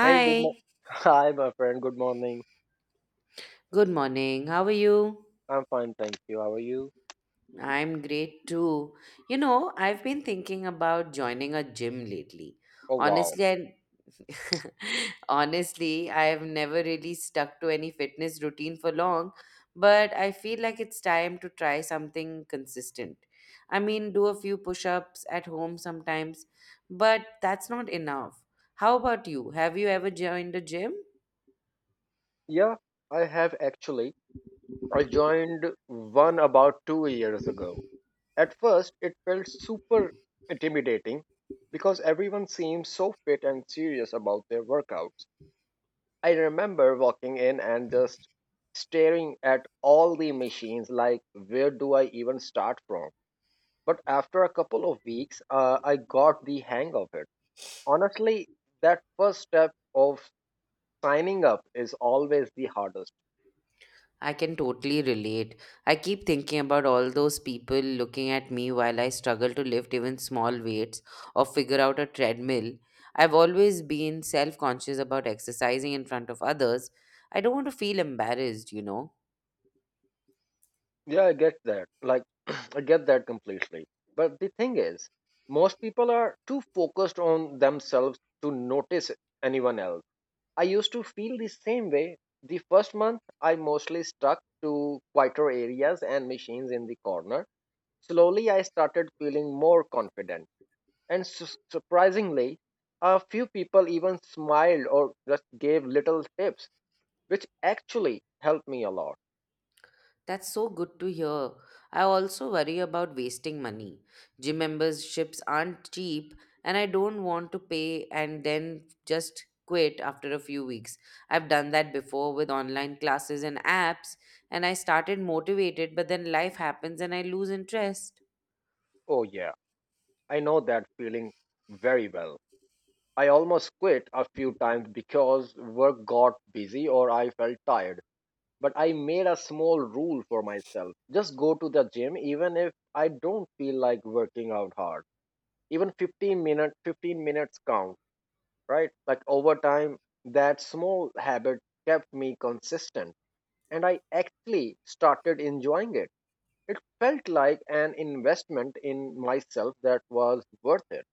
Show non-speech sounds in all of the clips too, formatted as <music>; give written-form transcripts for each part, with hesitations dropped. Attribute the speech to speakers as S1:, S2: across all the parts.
S1: Hey, good morning. <laughs> Hi, my friend. Good morning.
S2: good morning. How are you?
S1: I'm fine, thank you. How are you?
S2: I'm great too. You know, I've been thinking about joining a gym lately.
S1: Oh, wow.
S2: Honestly, I <laughs> I have never really stuck to any fitness routine for long, but I feel like it's time to try something consistent. I mean, do a few push-ups at home sometimes, but that's not enough. How about you? Have you ever joined a gym?
S1: Yeah, I have actually. I joined one about 2 years ago. At first, it felt super intimidating because everyone seemed so fit and serious about their workouts. I remember walking in and just staring at all the machines like, where do I even start from? But after a couple of weeks, I got the hang of it. Honestly, that first step of signing up is always the hardest.
S2: I can totally relate. I keep thinking about all those people looking at me while I struggle to lift even small weights or figure out a treadmill. I've always been self conscious about exercising in front of others. I don't want to feel embarrassed, you know.
S1: Yeah, I get that. Like, <clears throat> I get that completely. But the thing is, most people are too focused on themselves to notice anyone else. I used to feel the same way. The first month, I mostly stuck to quieter areas and machines in the corner. Slowly, I started feeling more confident. And surprisingly, a few people even smiled or just gave little tips which actually helped me a lot.
S2: That's so good to hear. I also worry about wasting money. Gym memberships aren't cheap, and I don't want to pay and then just quit after a few weeks. I've done that before with online classes and apps, and I started motivated, but then life happens and I lose interest.
S1: Oh, yeah, I know that feeling very well. I almost quit a few times because work got busy or I felt tired. But I made a small rule for myself: just go to the gym even if I don't feel like working out hard. Even 15 minutes, 15 minutes count, right? Like, over time, that small habit kept me consistent and I actually started enjoying it. It felt like an investment in myself that was worth it.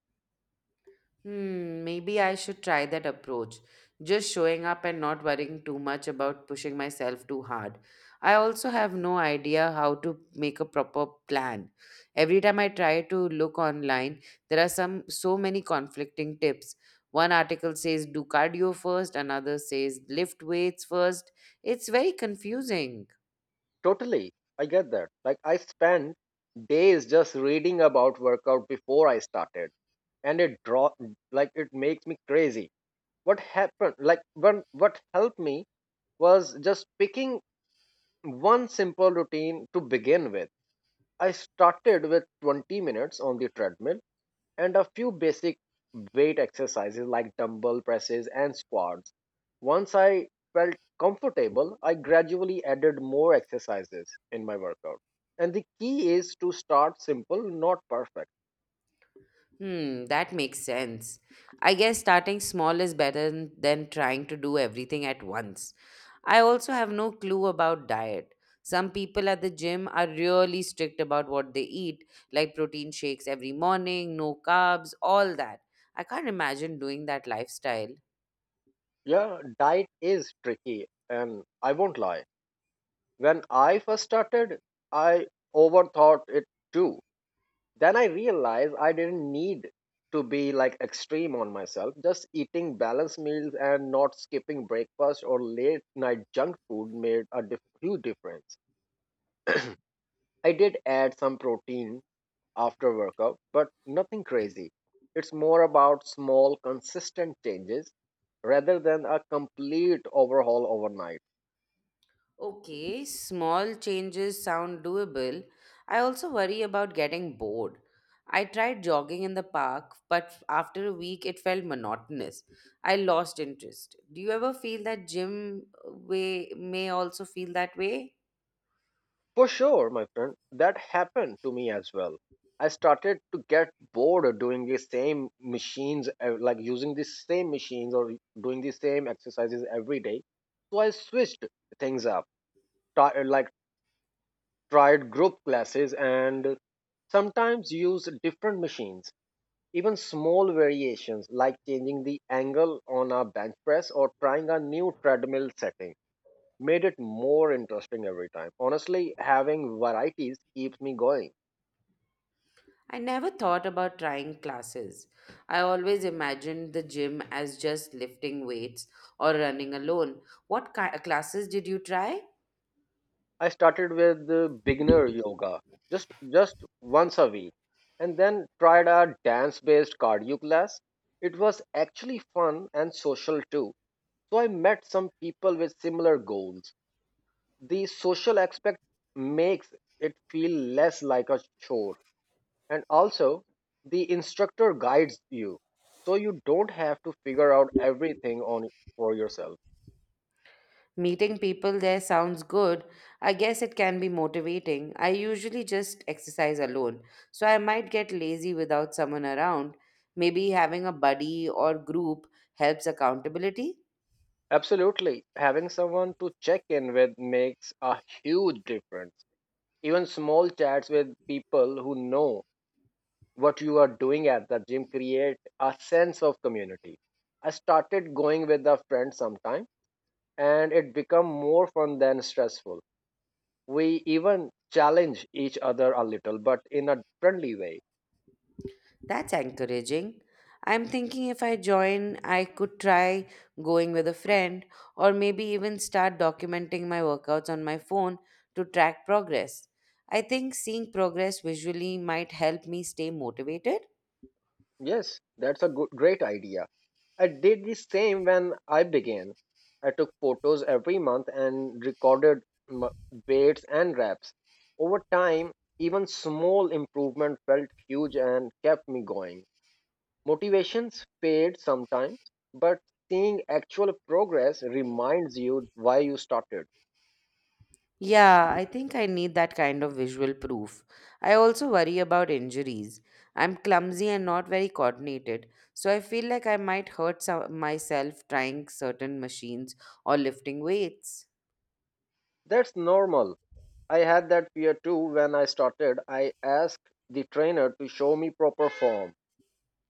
S2: Hmm, maybe I should try that approach. Just showing up and not worrying too much about pushing myself too hard. I also have no idea how to make a proper plan. Every time I try to look online, there are some so many conflicting tips. One article says do cardio first, another says lift weights first. It's very confusing.
S1: Totally. I get that. Like, I spent days just reading about workout before I started, and it draw, like it makes me crazy. What happened, like when, what helped me was just picking one simple routine to begin with. I started with 20 minutes on the treadmill and a few basic weight exercises like dumbbell presses and squats. Once I felt comfortable, I gradually added more exercises in my workout. And the key is to start simple, not perfect.
S2: Hmm, that makes sense. I guess starting small is better than trying to do everything at once. I also have no clue about diet. Some people at the gym are really strict about what they eat, like protein shakes every morning, no carbs, all that. I can't imagine doing that lifestyle.
S1: Yeah, diet is tricky, and I won't lie. When I first started, I overthought it too. Then I realized I didn't need to be like extreme on myself. Just eating balanced meals and not skipping breakfast or late night junk food made a huge difference. I did add some protein after workout, but nothing crazy. It's more about small, consistent changes rather than a complete overhaul overnight.
S2: Okay, small changes sound doable. I also worry about getting bored. I tried jogging in the park, but after a week it felt monotonous. I lost interest. Do you ever feel that gym way may also feel that way?
S1: For sure, my friend, that happened to me as well. I started to get bored of doing the same machines, like using the same machines or doing the same exercises every day. So I switched things up, like tried group classes and sometimes use different machines. Even small variations like changing the angle on a bench press or trying a new treadmill setting made it more interesting every time. Honestly, having varieties keeps me going.
S2: I never thought about trying classes. I always imagined the gym as just lifting weights or running alone. What classes did you try?
S1: I started with beginner yoga, just once a week, and then tried a dance-based cardio class. It was actually fun and social too. So I met some people with similar goals. The social aspect makes it feel less like a chore, and also the instructor guides you, so you don't have to figure out everything on for yourself.
S2: Meeting people there sounds good. I guess it can be motivating. I usually just exercise alone, so I might get lazy without someone around. Maybe having a buddy or group helps accountability.
S1: Absolutely, having someone to check in with makes a huge difference. Even small chats with people who know what you are doing at the gym create a sense of community. I started going with a friend sometime and it become more fun than stressful. We even challenge each other a little but in a friendly way.
S2: That's encouraging. I'm thinking if I join, I could try going with a friend or maybe even start documenting my workouts on my phone to track progress. I think seeing progress visually might help me stay motivated.
S1: Yes, that's a good, great idea. I did the same when I began. I took photos every month and recorded m- weights and reps. Over time, even small improvement felt huge and kept me going. Motivations fade sometimes, but seeing actual progress reminds you why you started.
S2: Yeah, I think I need that kind of visual proof. I also worry about injuries. I'm clumsy and not very coordinated, so I feel like I might hurt myself trying certain machines or lifting weights.
S1: That's normal. I had that fear too when I started. I asked the trainer to show me proper form.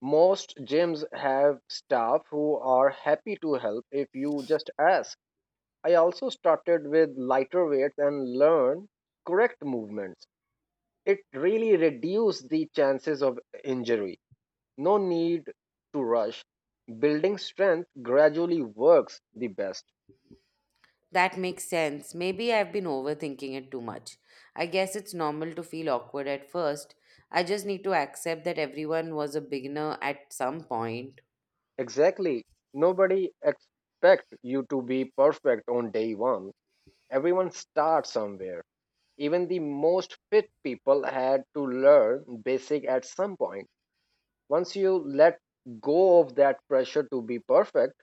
S1: Most gyms have staff who are happy to help if you just ask. I also started with lighter weights and learned correct movements. It really reduced the chances of injury. No need to rush. Building strength gradually works the best.
S2: That makes sense. Maybe I've been overthinking it too much. I guess it's normal to feel awkward at first. I just need to accept that everyone was a beginner at some point.
S1: Exactly. Nobody expect you to be perfect on day 1. Everyone starts somewhere. Even the most fit people had to learn basic at some point. Once you let go of that pressure to be perfect,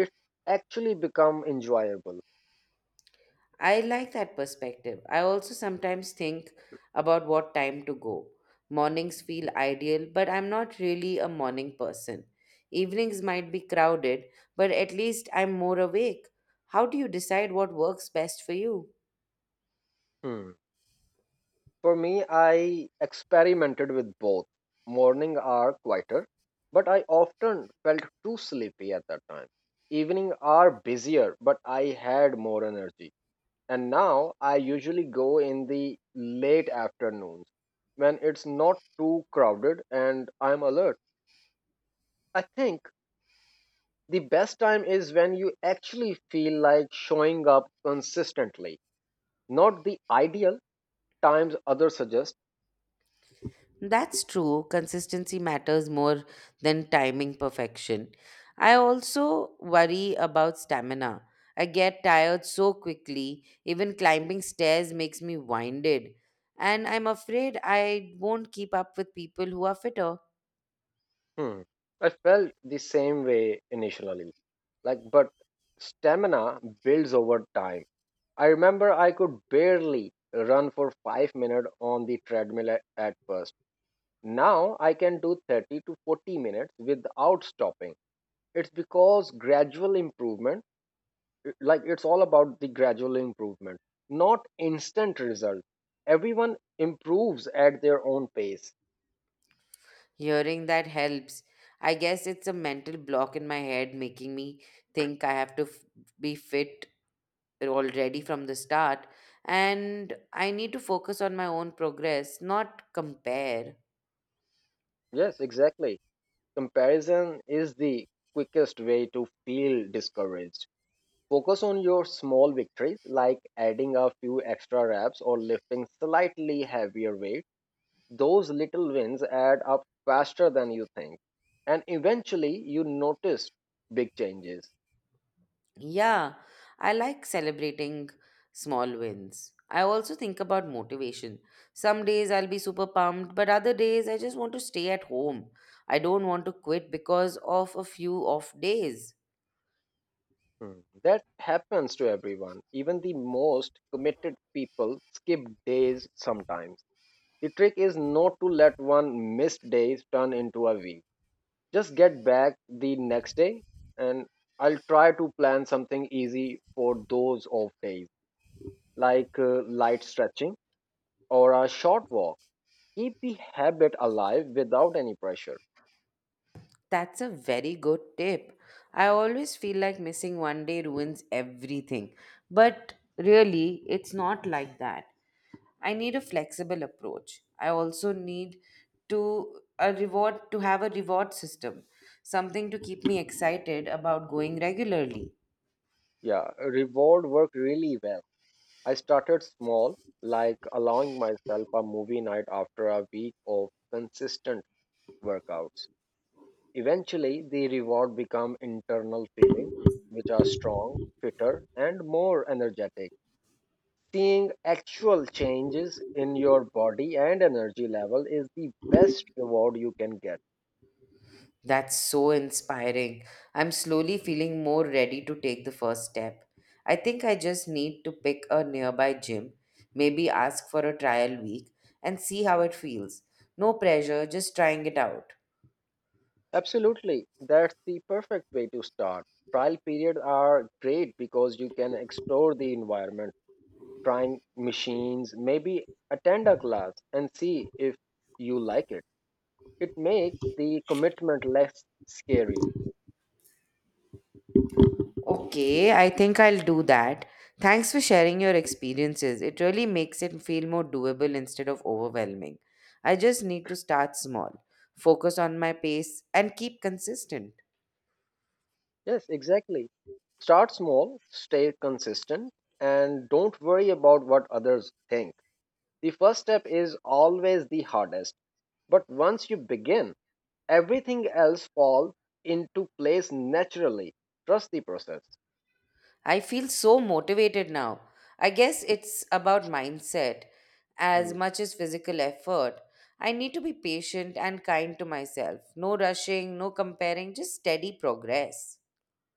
S1: it actually become enjoyable.
S2: I like that perspective. I also sometimes think about what time to go. Mornings feel ideal, but I'm not really a morning person. Evenings might be crowded, but at least I'm more awake. How do you decide what works best for you?
S1: Hmm. For me, I experimented with both. Morning are quieter but I often felt too sleepy at that time. Evening are busier but I had more energy. And now I usually go in the late afternoons when it's not too crowded and I'm alert. I think the best time is when you actually feel like showing up consistently, not the ideal times others suggest.
S2: That's true. Consistency matters more than timing perfection. I also worry about stamina. I get tired so quickly. Even climbing stairs makes me winded. And I'm afraid I won't keep up with people who are fitter.
S1: Hmm. I felt the same way initially, like, but stamina builds over time. I remember I could barely run for 5 minutes on the treadmill at first. Now I can do 30 to 40 minutes without stopping. It's because gradual improvement, like, it's all about the gradual improvement, not instant result. Everyone improves at their own pace.
S2: Hearing that helps. I guess it's a mental block in my head making me think I have to be fit already from the start. And I need to focus on my own progress, not compare.
S1: Yes, exactly. Comparison is the quickest way to feel discouraged. Focus on your small victories like adding a few extra reps or lifting slightly heavier weights. Those little wins add up faster than you think. And eventually, you notice big changes.
S2: Yeah, I like celebrating small wins. I also think about motivation. Some days I'll be super pumped, but other days I just want to stay at home. I don't want to quit because of a few off days.
S1: Hmm. That happens to everyone. Even the most committed people skip days sometimes. The trick is not to let one missed day turn into a week. Just get back the next day, and I'll try to plan something easy for those off days, like light stretching or a short walk. Keep the habit alive without any pressure.
S2: That's a very good tip. I always feel like missing one day ruins everything. But really, it's not like that. I need a flexible approach. I also need to a reward to have a reward system, something to keep me excited about going regularly.
S1: Yeah, reward worked really well. I started small, like allowing myself a movie night after a week of consistent workouts. Eventually, the reward become internal feeling, which are strong, fitter, and more energetic. Seeing actual changes in your body and energy level is the best reward you can get.
S2: That's so inspiring. I'm slowly feeling more ready to take the first step. I think I just need to pick a nearby gym, maybe ask for a trial week and see how it feels. No pressure, just trying it out.
S1: Absolutely, that's the perfect way to start. Trial periods are great because you can explore the environment, trying machines, maybe attend a class and see if you like it. It makes the commitment less scary.
S2: Okay, I think I'll do that. Thanks for sharing your experiences. It really makes it feel more doable instead of overwhelming. I just need to start small, focus on my pace, and keep consistent.
S1: Yes, exactly. Start small, stay consistent, and don't worry about what others think. The first step is always the hardest, but once you begin, everything else falls into place naturally. Trust the process.
S2: I feel so motivated now. I guess it's about mindset as
S1: Hmm.
S2: much as physical effort. I need to be patient and kind to myself. No rushing, no comparing, just steady progress.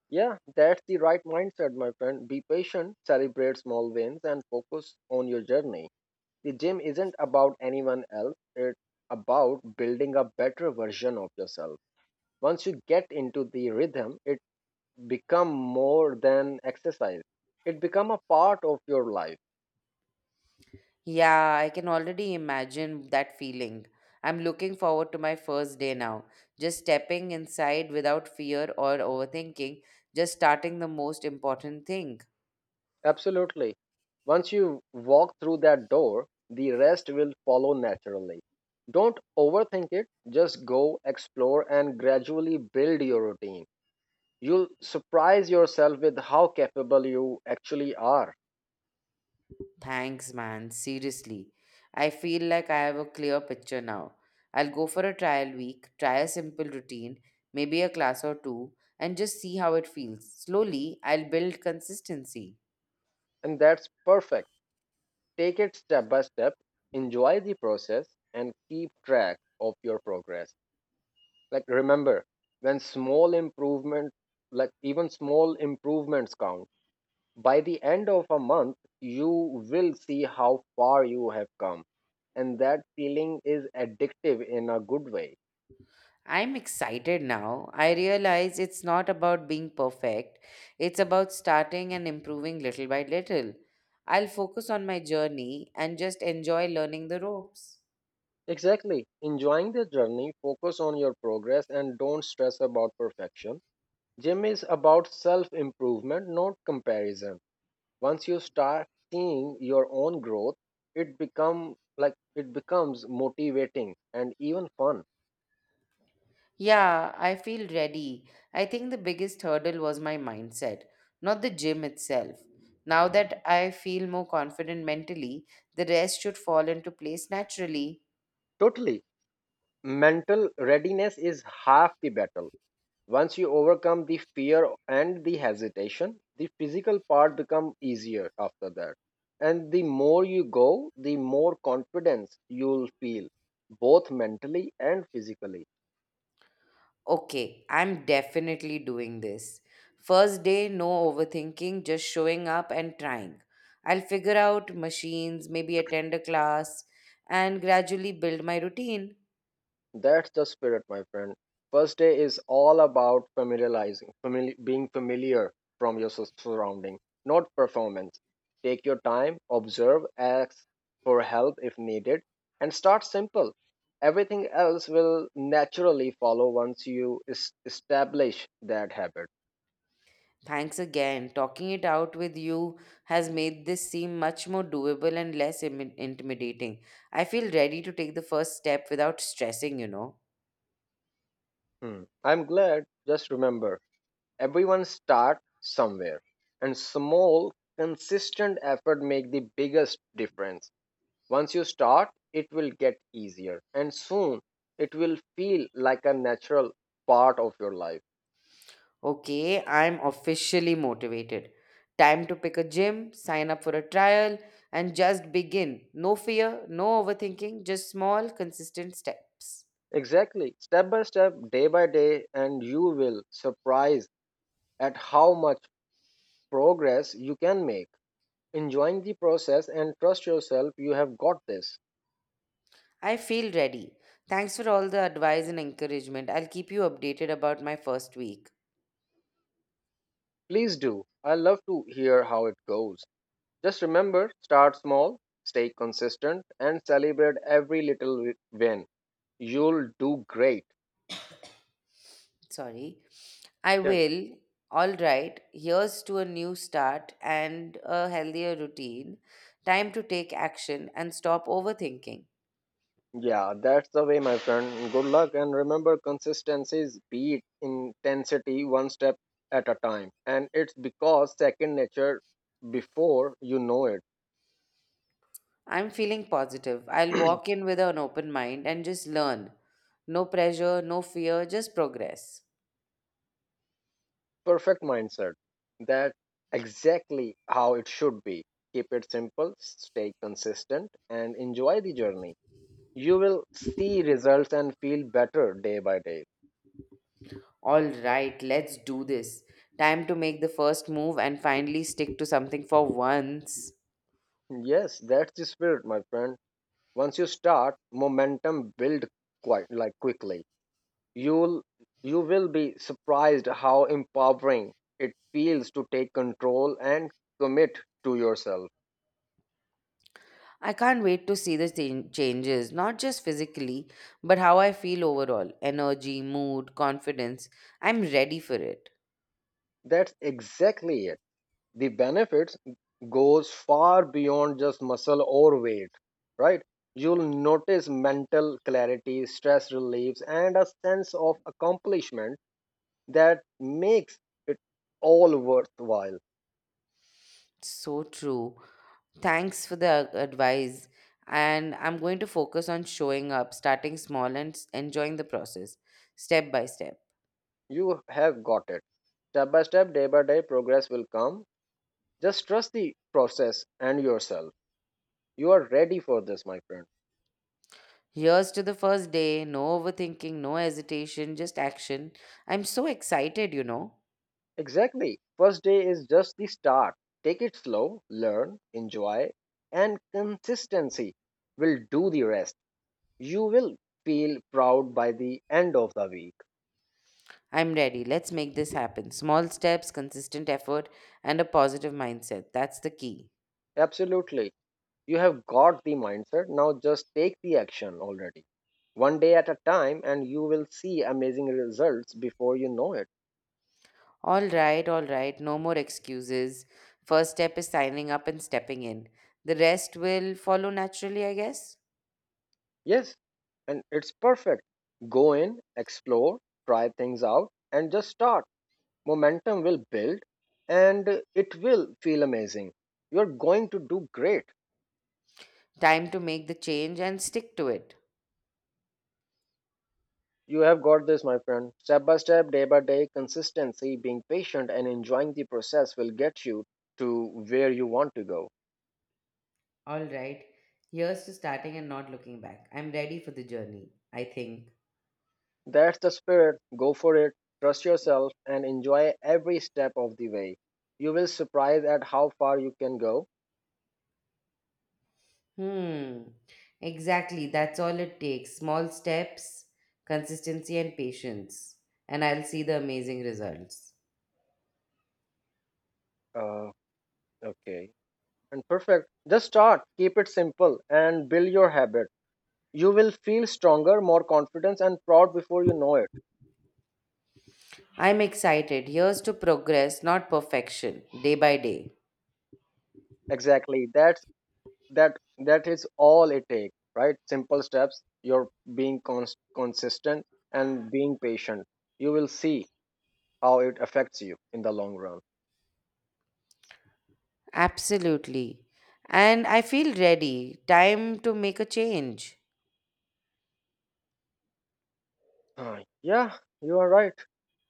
S1: Yeah, that's the right mindset, my friend. Be patient, celebrate small wins, and focus on your journey. The gym isn't about anyone else, it's about building a better version of yourself. Once you get into the rhythm, it become more than exercise. It become a part of your life.
S2: Yeah, I can already imagine that feeling. I'm looking forward to my first day now. Just stepping inside without fear or overthinking, just starting the most important thing.
S1: Absolutely. Once you walk through that door, the rest will follow naturally. Don't overthink it, just go explore and gradually build your routine. You'll surprise yourself with how capable you actually are.
S2: Thanks, man. Seriously. I feel like I have a clear picture now. I'll go for a trial week, try a simple routine, maybe a class or two, and just see how it feels. Slowly, I'll build consistency.
S1: And that's perfect. Take it step by step, enjoy the process, and keep track of your progress. Like, remember, when small improvement, like, even small improvements count, by the end of a month, you will see how far you have come. And that feeling is addictive in a good way.
S2: I'm excited now. I realize it's not about being perfect, it's about starting and improving little by little. I'll focus on my journey and just enjoy learning the ropes.
S1: Exactly. Enjoying the journey, focus on your progress, and don't stress about perfection. Gym is about self improvement, not comparison. Once you start seeing your own growth, it becomes motivating and even fun.
S2: Yeah, I feel ready. I think the biggest hurdle was my mindset, not the gym itself. Now that I feel more confident mentally, the rest should fall into place naturally.
S1: Totally. Mental readiness is half the battle. Once you overcome the fear and the hesitation, the physical part become easier after that. And the more you go, the more confidence you'll feel, both mentally and physically.
S2: Okay, I'm definitely doing this. First day, no overthinking, just showing up and trying. I'll figure out machines, maybe attend a class, and gradually build my routine.
S1: That's the spirit, my friend. First day is all about being familiar from your surrounding, not performance. Take your time, observe, ask for help if needed, and start simple. Everything else will naturally follow once you establish that habit.
S2: Thanks again. Talking it out with you has made this seem much more doable and less intimidating. I feel ready to take the first step without stressing, you know.
S1: Hmm. I'm glad, just remember, everyone starts somewhere, and small, consistent effort make the biggest difference. Once you start, it will get easier and soon it will feel like a natural part of your life.
S2: Okay, I'm officially motivated. Time to pick a gym, sign up for a trial, and just begin. No fear, no overthinking, just small, consistent steps.
S1: Exactly. Step by step, day by day, and you will surprise at how much progress you can make. Enjoying the process and trust yourself, you have got this.
S2: I feel ready. Thanks for all the advice and encouragement. I'll keep you updated about my first week.
S1: Please do. I love to hear how it goes. Just remember, start small, stay consistent, and celebrate every little win. You'll do great.
S2: Sorry. I
S1: Yeah.
S2: will. All right. Here's to a new start and a healthier routine. Time to take action and stop overthinking.
S1: Yeah, that's the way, my friend. Good luck and remember consistency is beat intensity one step at a time. And it's because second nature before you know it.
S2: I'm feeling positive. I'll walk in with an open mind and just learn. No pressure, no fear, just progress.
S1: Perfect mindset. That's exactly how it should be. Keep it simple, stay consistent, and enjoy the journey. You will see results and feel better day by day.
S2: All right, let's do this. Time to make the first move and finally stick to something for once.
S1: Yes, that's the spirit, my friend. Once you start, momentum build quite like quickly. You'll you will be surprised how empowering it feels to take control and commit to yourself.
S2: I can't wait to see the changes, not just physically, but how I feel overall energy, mood, confidence. I'm ready for it.
S1: That's exactly it. The benefits goes far beyond just muscle or weight, right? You'll notice mental clarity, stress reliefs, and a sense of accomplishment that makes it all worthwhile.
S2: So true. Thanks for the advice. And I'm going to focus on showing up, starting small, and enjoying the process step by step.
S1: You have got it. Step by step, day by day, progress will come. Just trust the process and yourself. You are ready for this, my friend.
S2: Here's to the first day no overthinking, no hesitation, just action. I'm so excited, you know.
S1: Exactly. First day is just the start. Take it slow, learn, enjoy, and consistency will do the rest. You will feel proud by the end of the week.
S2: I'm ready. Let's make this happen. Small steps, consistent effort, and a positive mindset. That's the key.
S1: Absolutely. You have got the mindset. Now just take the action already. One day at a time, and you will see amazing results before you know it.
S2: All right, all right. No more excuses. First step is signing up and stepping in. The rest will follow naturally, I guess.
S1: Yes, and it's perfect. Go in, explore, try things out, and just start. Momentum will build and it will feel amazing. You're going to do great.
S2: Time to make the change and stick to it.
S1: You have got this, my friend. Step by step, day by day, consistency, being patient, and enjoying the process will get you to where you want to go.
S2: All right, here's to starting and not looking back. I'm ready for the journey, I think.
S1: That's the spirit. Go for it. Trust yourself and enjoy every step of the way. You will surprise at how far you can go.
S2: Hmm, exactly. That's all it takes small steps, consistency, and patience. And I'll see the amazing results.
S1: Uh, okay. And perfect. Just start. Keep it simple and build your habit. You will feel stronger, more confidence, and proud before you know it.
S2: I'm excited. Here's to progress, not perfection, day by day.
S1: Exactly, that that is all it takes, right? Simple steps, you're being consistent and being patient. You will see how it affects you in the long run.
S2: Absolutely. And I feel ready. Time to make a change.
S1: Yeah, you are right,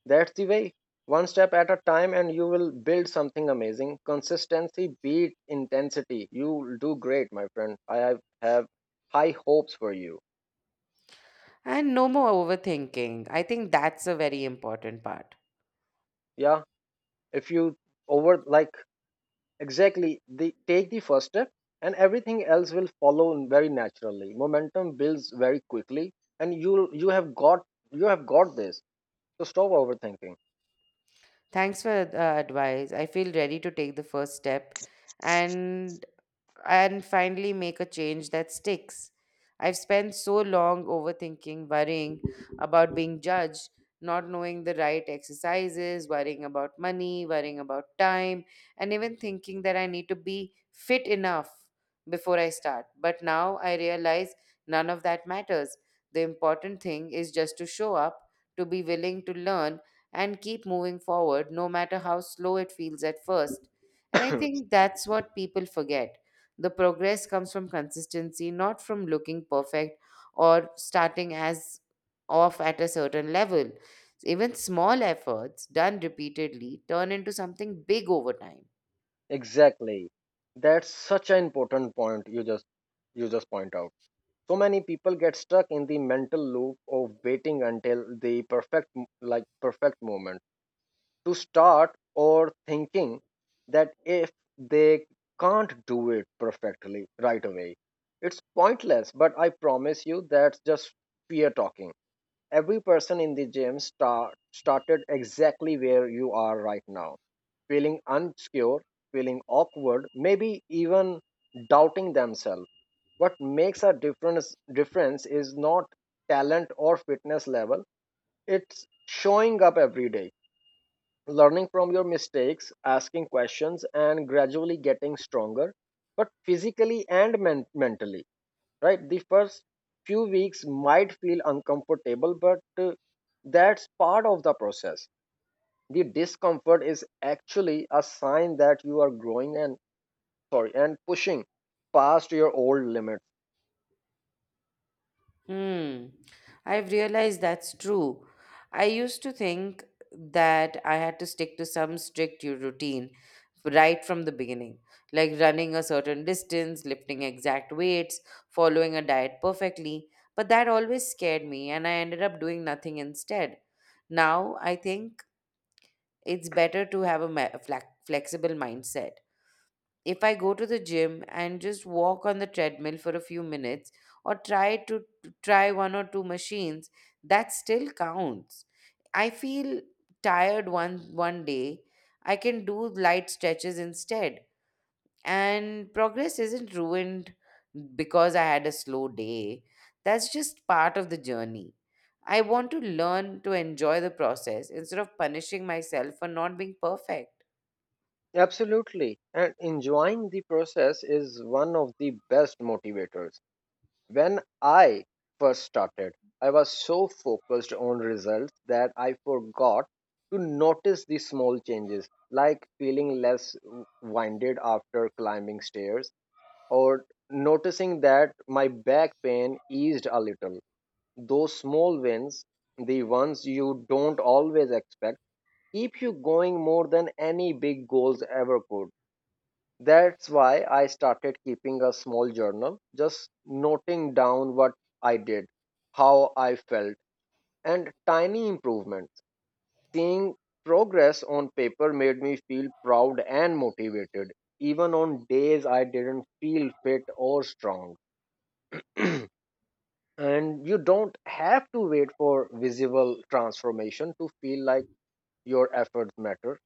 S1: that's the way. One step at a time and you will build something amazing. Consistency beat intensity. You will do great, my friend. I have high hopes for you.
S2: And no more overthinking. I think that's a very important part.
S1: Yeah, if you over like Exactly. They take the first step and everything else will follow very naturally. Momentum builds very quickly and you have got this. So stop overthinking.
S2: Thanks for the advice. I feel ready to take the first step. And and finally make a change that sticks. I've spent so long overthinking, worrying about being judged, not knowing the right exercises, worrying about money, worrying about time, and even thinking that I need to be fit enough before I start. But now I realize none of that matters. The important thing is just to show up, to be willing to learn, and keep moving forward, no matter how slow it feels at first. And I
S1: <coughs>
S2: think that's what people forget the progress comes from consistency, not from looking perfect or starting as off at a certain level. Even small efforts done repeatedly turn into something big over time.
S1: Exactly. That's such an important point you just point out. So many people get stuck in the mental loop of waiting until the perfect m- like perfect moment to start, or thinking that if they can't do it perfectly right away, it's pointless. But I promise you, that's just fear talking. Every person in the gym started exactly where you are right now, feeling unsecure, feeling awkward, maybe even doubting themselves. What makes a difference is not talent or fitness level. It's showing up every day, learning from your mistakes, asking questions, and gradually getting stronger, but physically and mentally, right? The first few weeks might feel uncomfortable, but that's part of the process. The discomfort is actually a sign that you are growing and, sorry, and pushing past your old limits.
S2: Hmm. I've realized that's true. I used to think that I had to stick to some strict routine right from the beginning, like running a certain distance, lifting exact weights, following a diet perfectly. But that always scared me, and I ended up doing nothing instead. Now I think it's better to have a flexible mindset if I go to the gym and just walk on the treadmill for a few minutes or try to try one or two machines, that still counts. I feel tired one day, I can do light stretches instead. And progress isn't ruined because I had a slow day. That's just part of the journey. I want to learn to enjoy the process instead of punishing myself for not being perfect.
S1: Absolutely, and enjoying the process is one of the best motivators. When I first started, I was so focused on results that I forgot to notice the small changes, like feeling less winded after climbing stairs, or noticing that my back pain eased a little. Those small wins, the ones you don't always expect, keep you going more than any big goals ever could. That's why I started keeping a small journal, just noting down what I did, how I felt, and tiny improvements. Seeing progress on paper made me feel proud and motivated, even on days I didn't feel fit or strong. And you don't have to wait for visible transformation to feel like your efforts matter.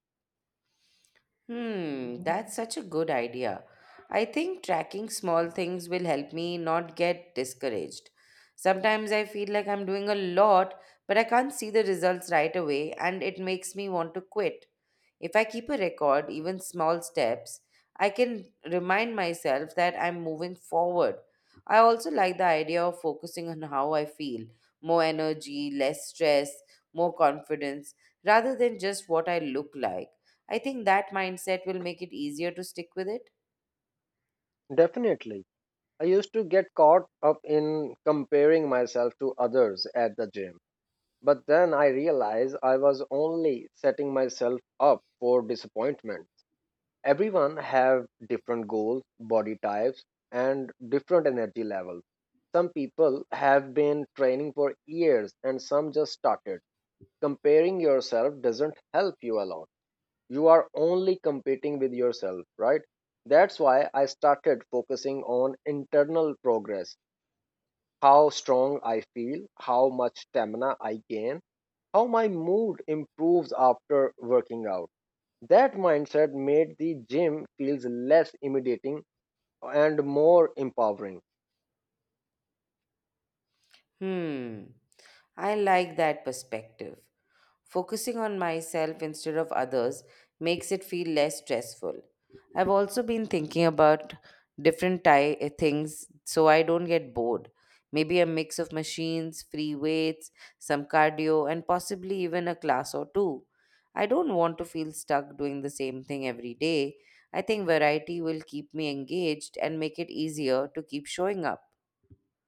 S2: Hmm, that's such a good idea. I think tracking small things will help me not get discouraged. Sometimes I feel like I'm doing a lot, but I can't see the results right away, and it makes me want to quit. If I keep a record, even small steps, I can remind myself that I'm moving forward. I also like the idea of focusing on how I feel more energy, less stress, more confidence, rather than just what I look like. I think that mindset will make it easier to stick with it.
S1: Definitely. I used to get caught up in comparing myself to others at the gym. But then I realized I was only setting myself up for disappointment. Everyone have different goals, body types, and different energy levels. Some people have been training for years and some just started. Comparing yourself doesn't help you a lot. You are only competing with yourself, right? That's why I started focusing on internal progress: how strong I feel, how much stamina I gain, how my mood improves after working out. That mindset made the gym feels less intimidating and more empowering.
S2: Hmm, I like that perspective. Focusing on myself instead of others makes it feel less stressful. I've also been thinking about different things so I don't get bored. Maybe a mix of machines, free weights, some cardio, and possibly even a class or two. I don't want to feel stuck doing the same thing every day. I think variety will keep me engaged and make it easier to keep showing up.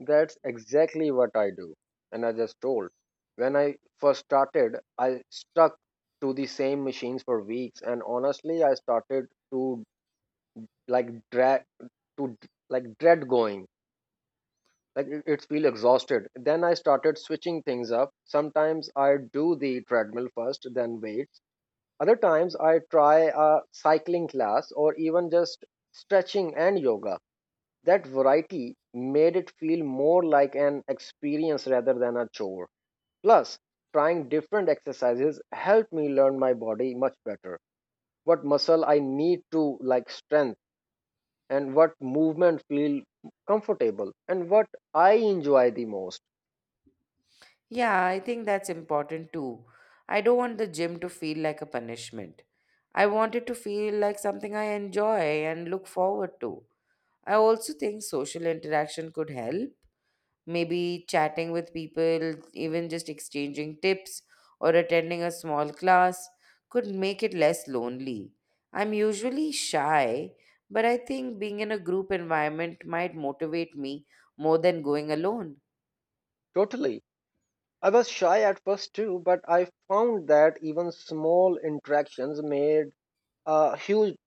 S1: That's exactly what I do. And I just told. When I first started, I stuck to the same machines for weeks, and honestly I started to like drag to like dread going, like it feel exhausted. Then I started switching things up. Sometimes I do the treadmill first, then weight. Other times I try a cycling class or even just stretching and yoga. That variety made it feel more like an experience rather than a chore. Plus, trying different exercises helped me learn my body much better. What muscle I need to like strength, and what movement feel comfortable, and what I enjoy the most.
S2: Yeah, I think that's important too. I don't want the gym to feel like a punishment. I want it to feel like something I enjoy and look forward to. I also think social interaction could help. Maybe chatting with people, even just exchanging tips or attending a small class could make it less lonely. I'm usually shy, but I think being in a group environment might motivate me more than going alone.
S1: Totally. I was shy at first too, but I found that even small interactions made a huge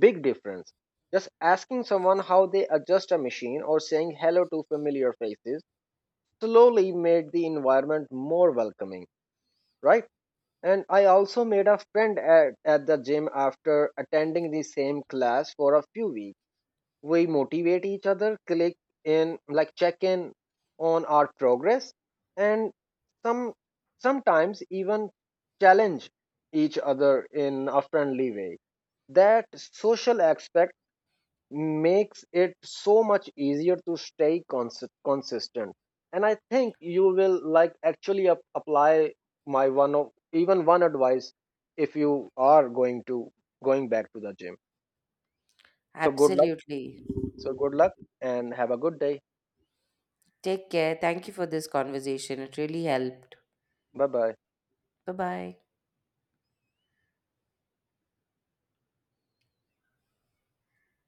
S1: big difference. Just asking someone how they adjust a machine or saying hello to familiar faces slowly made the environment more welcoming, right? And I also made a friend at the gym after attending the same class for a few weeks. We motivate each other, click in like check in on our progress, and some sometimes even challenge each other in a friendly way. That social aspect makes it so much easier to stay consistent. And I think you will like actually apply my one of even one advice if you are going to going back to the gym. So good luck,
S2: Absolutely.
S1: so good luck, and have a good day.
S2: Take care. Thank you for this conversation. It really helped.
S1: Bye bye.
S2: Bye bye.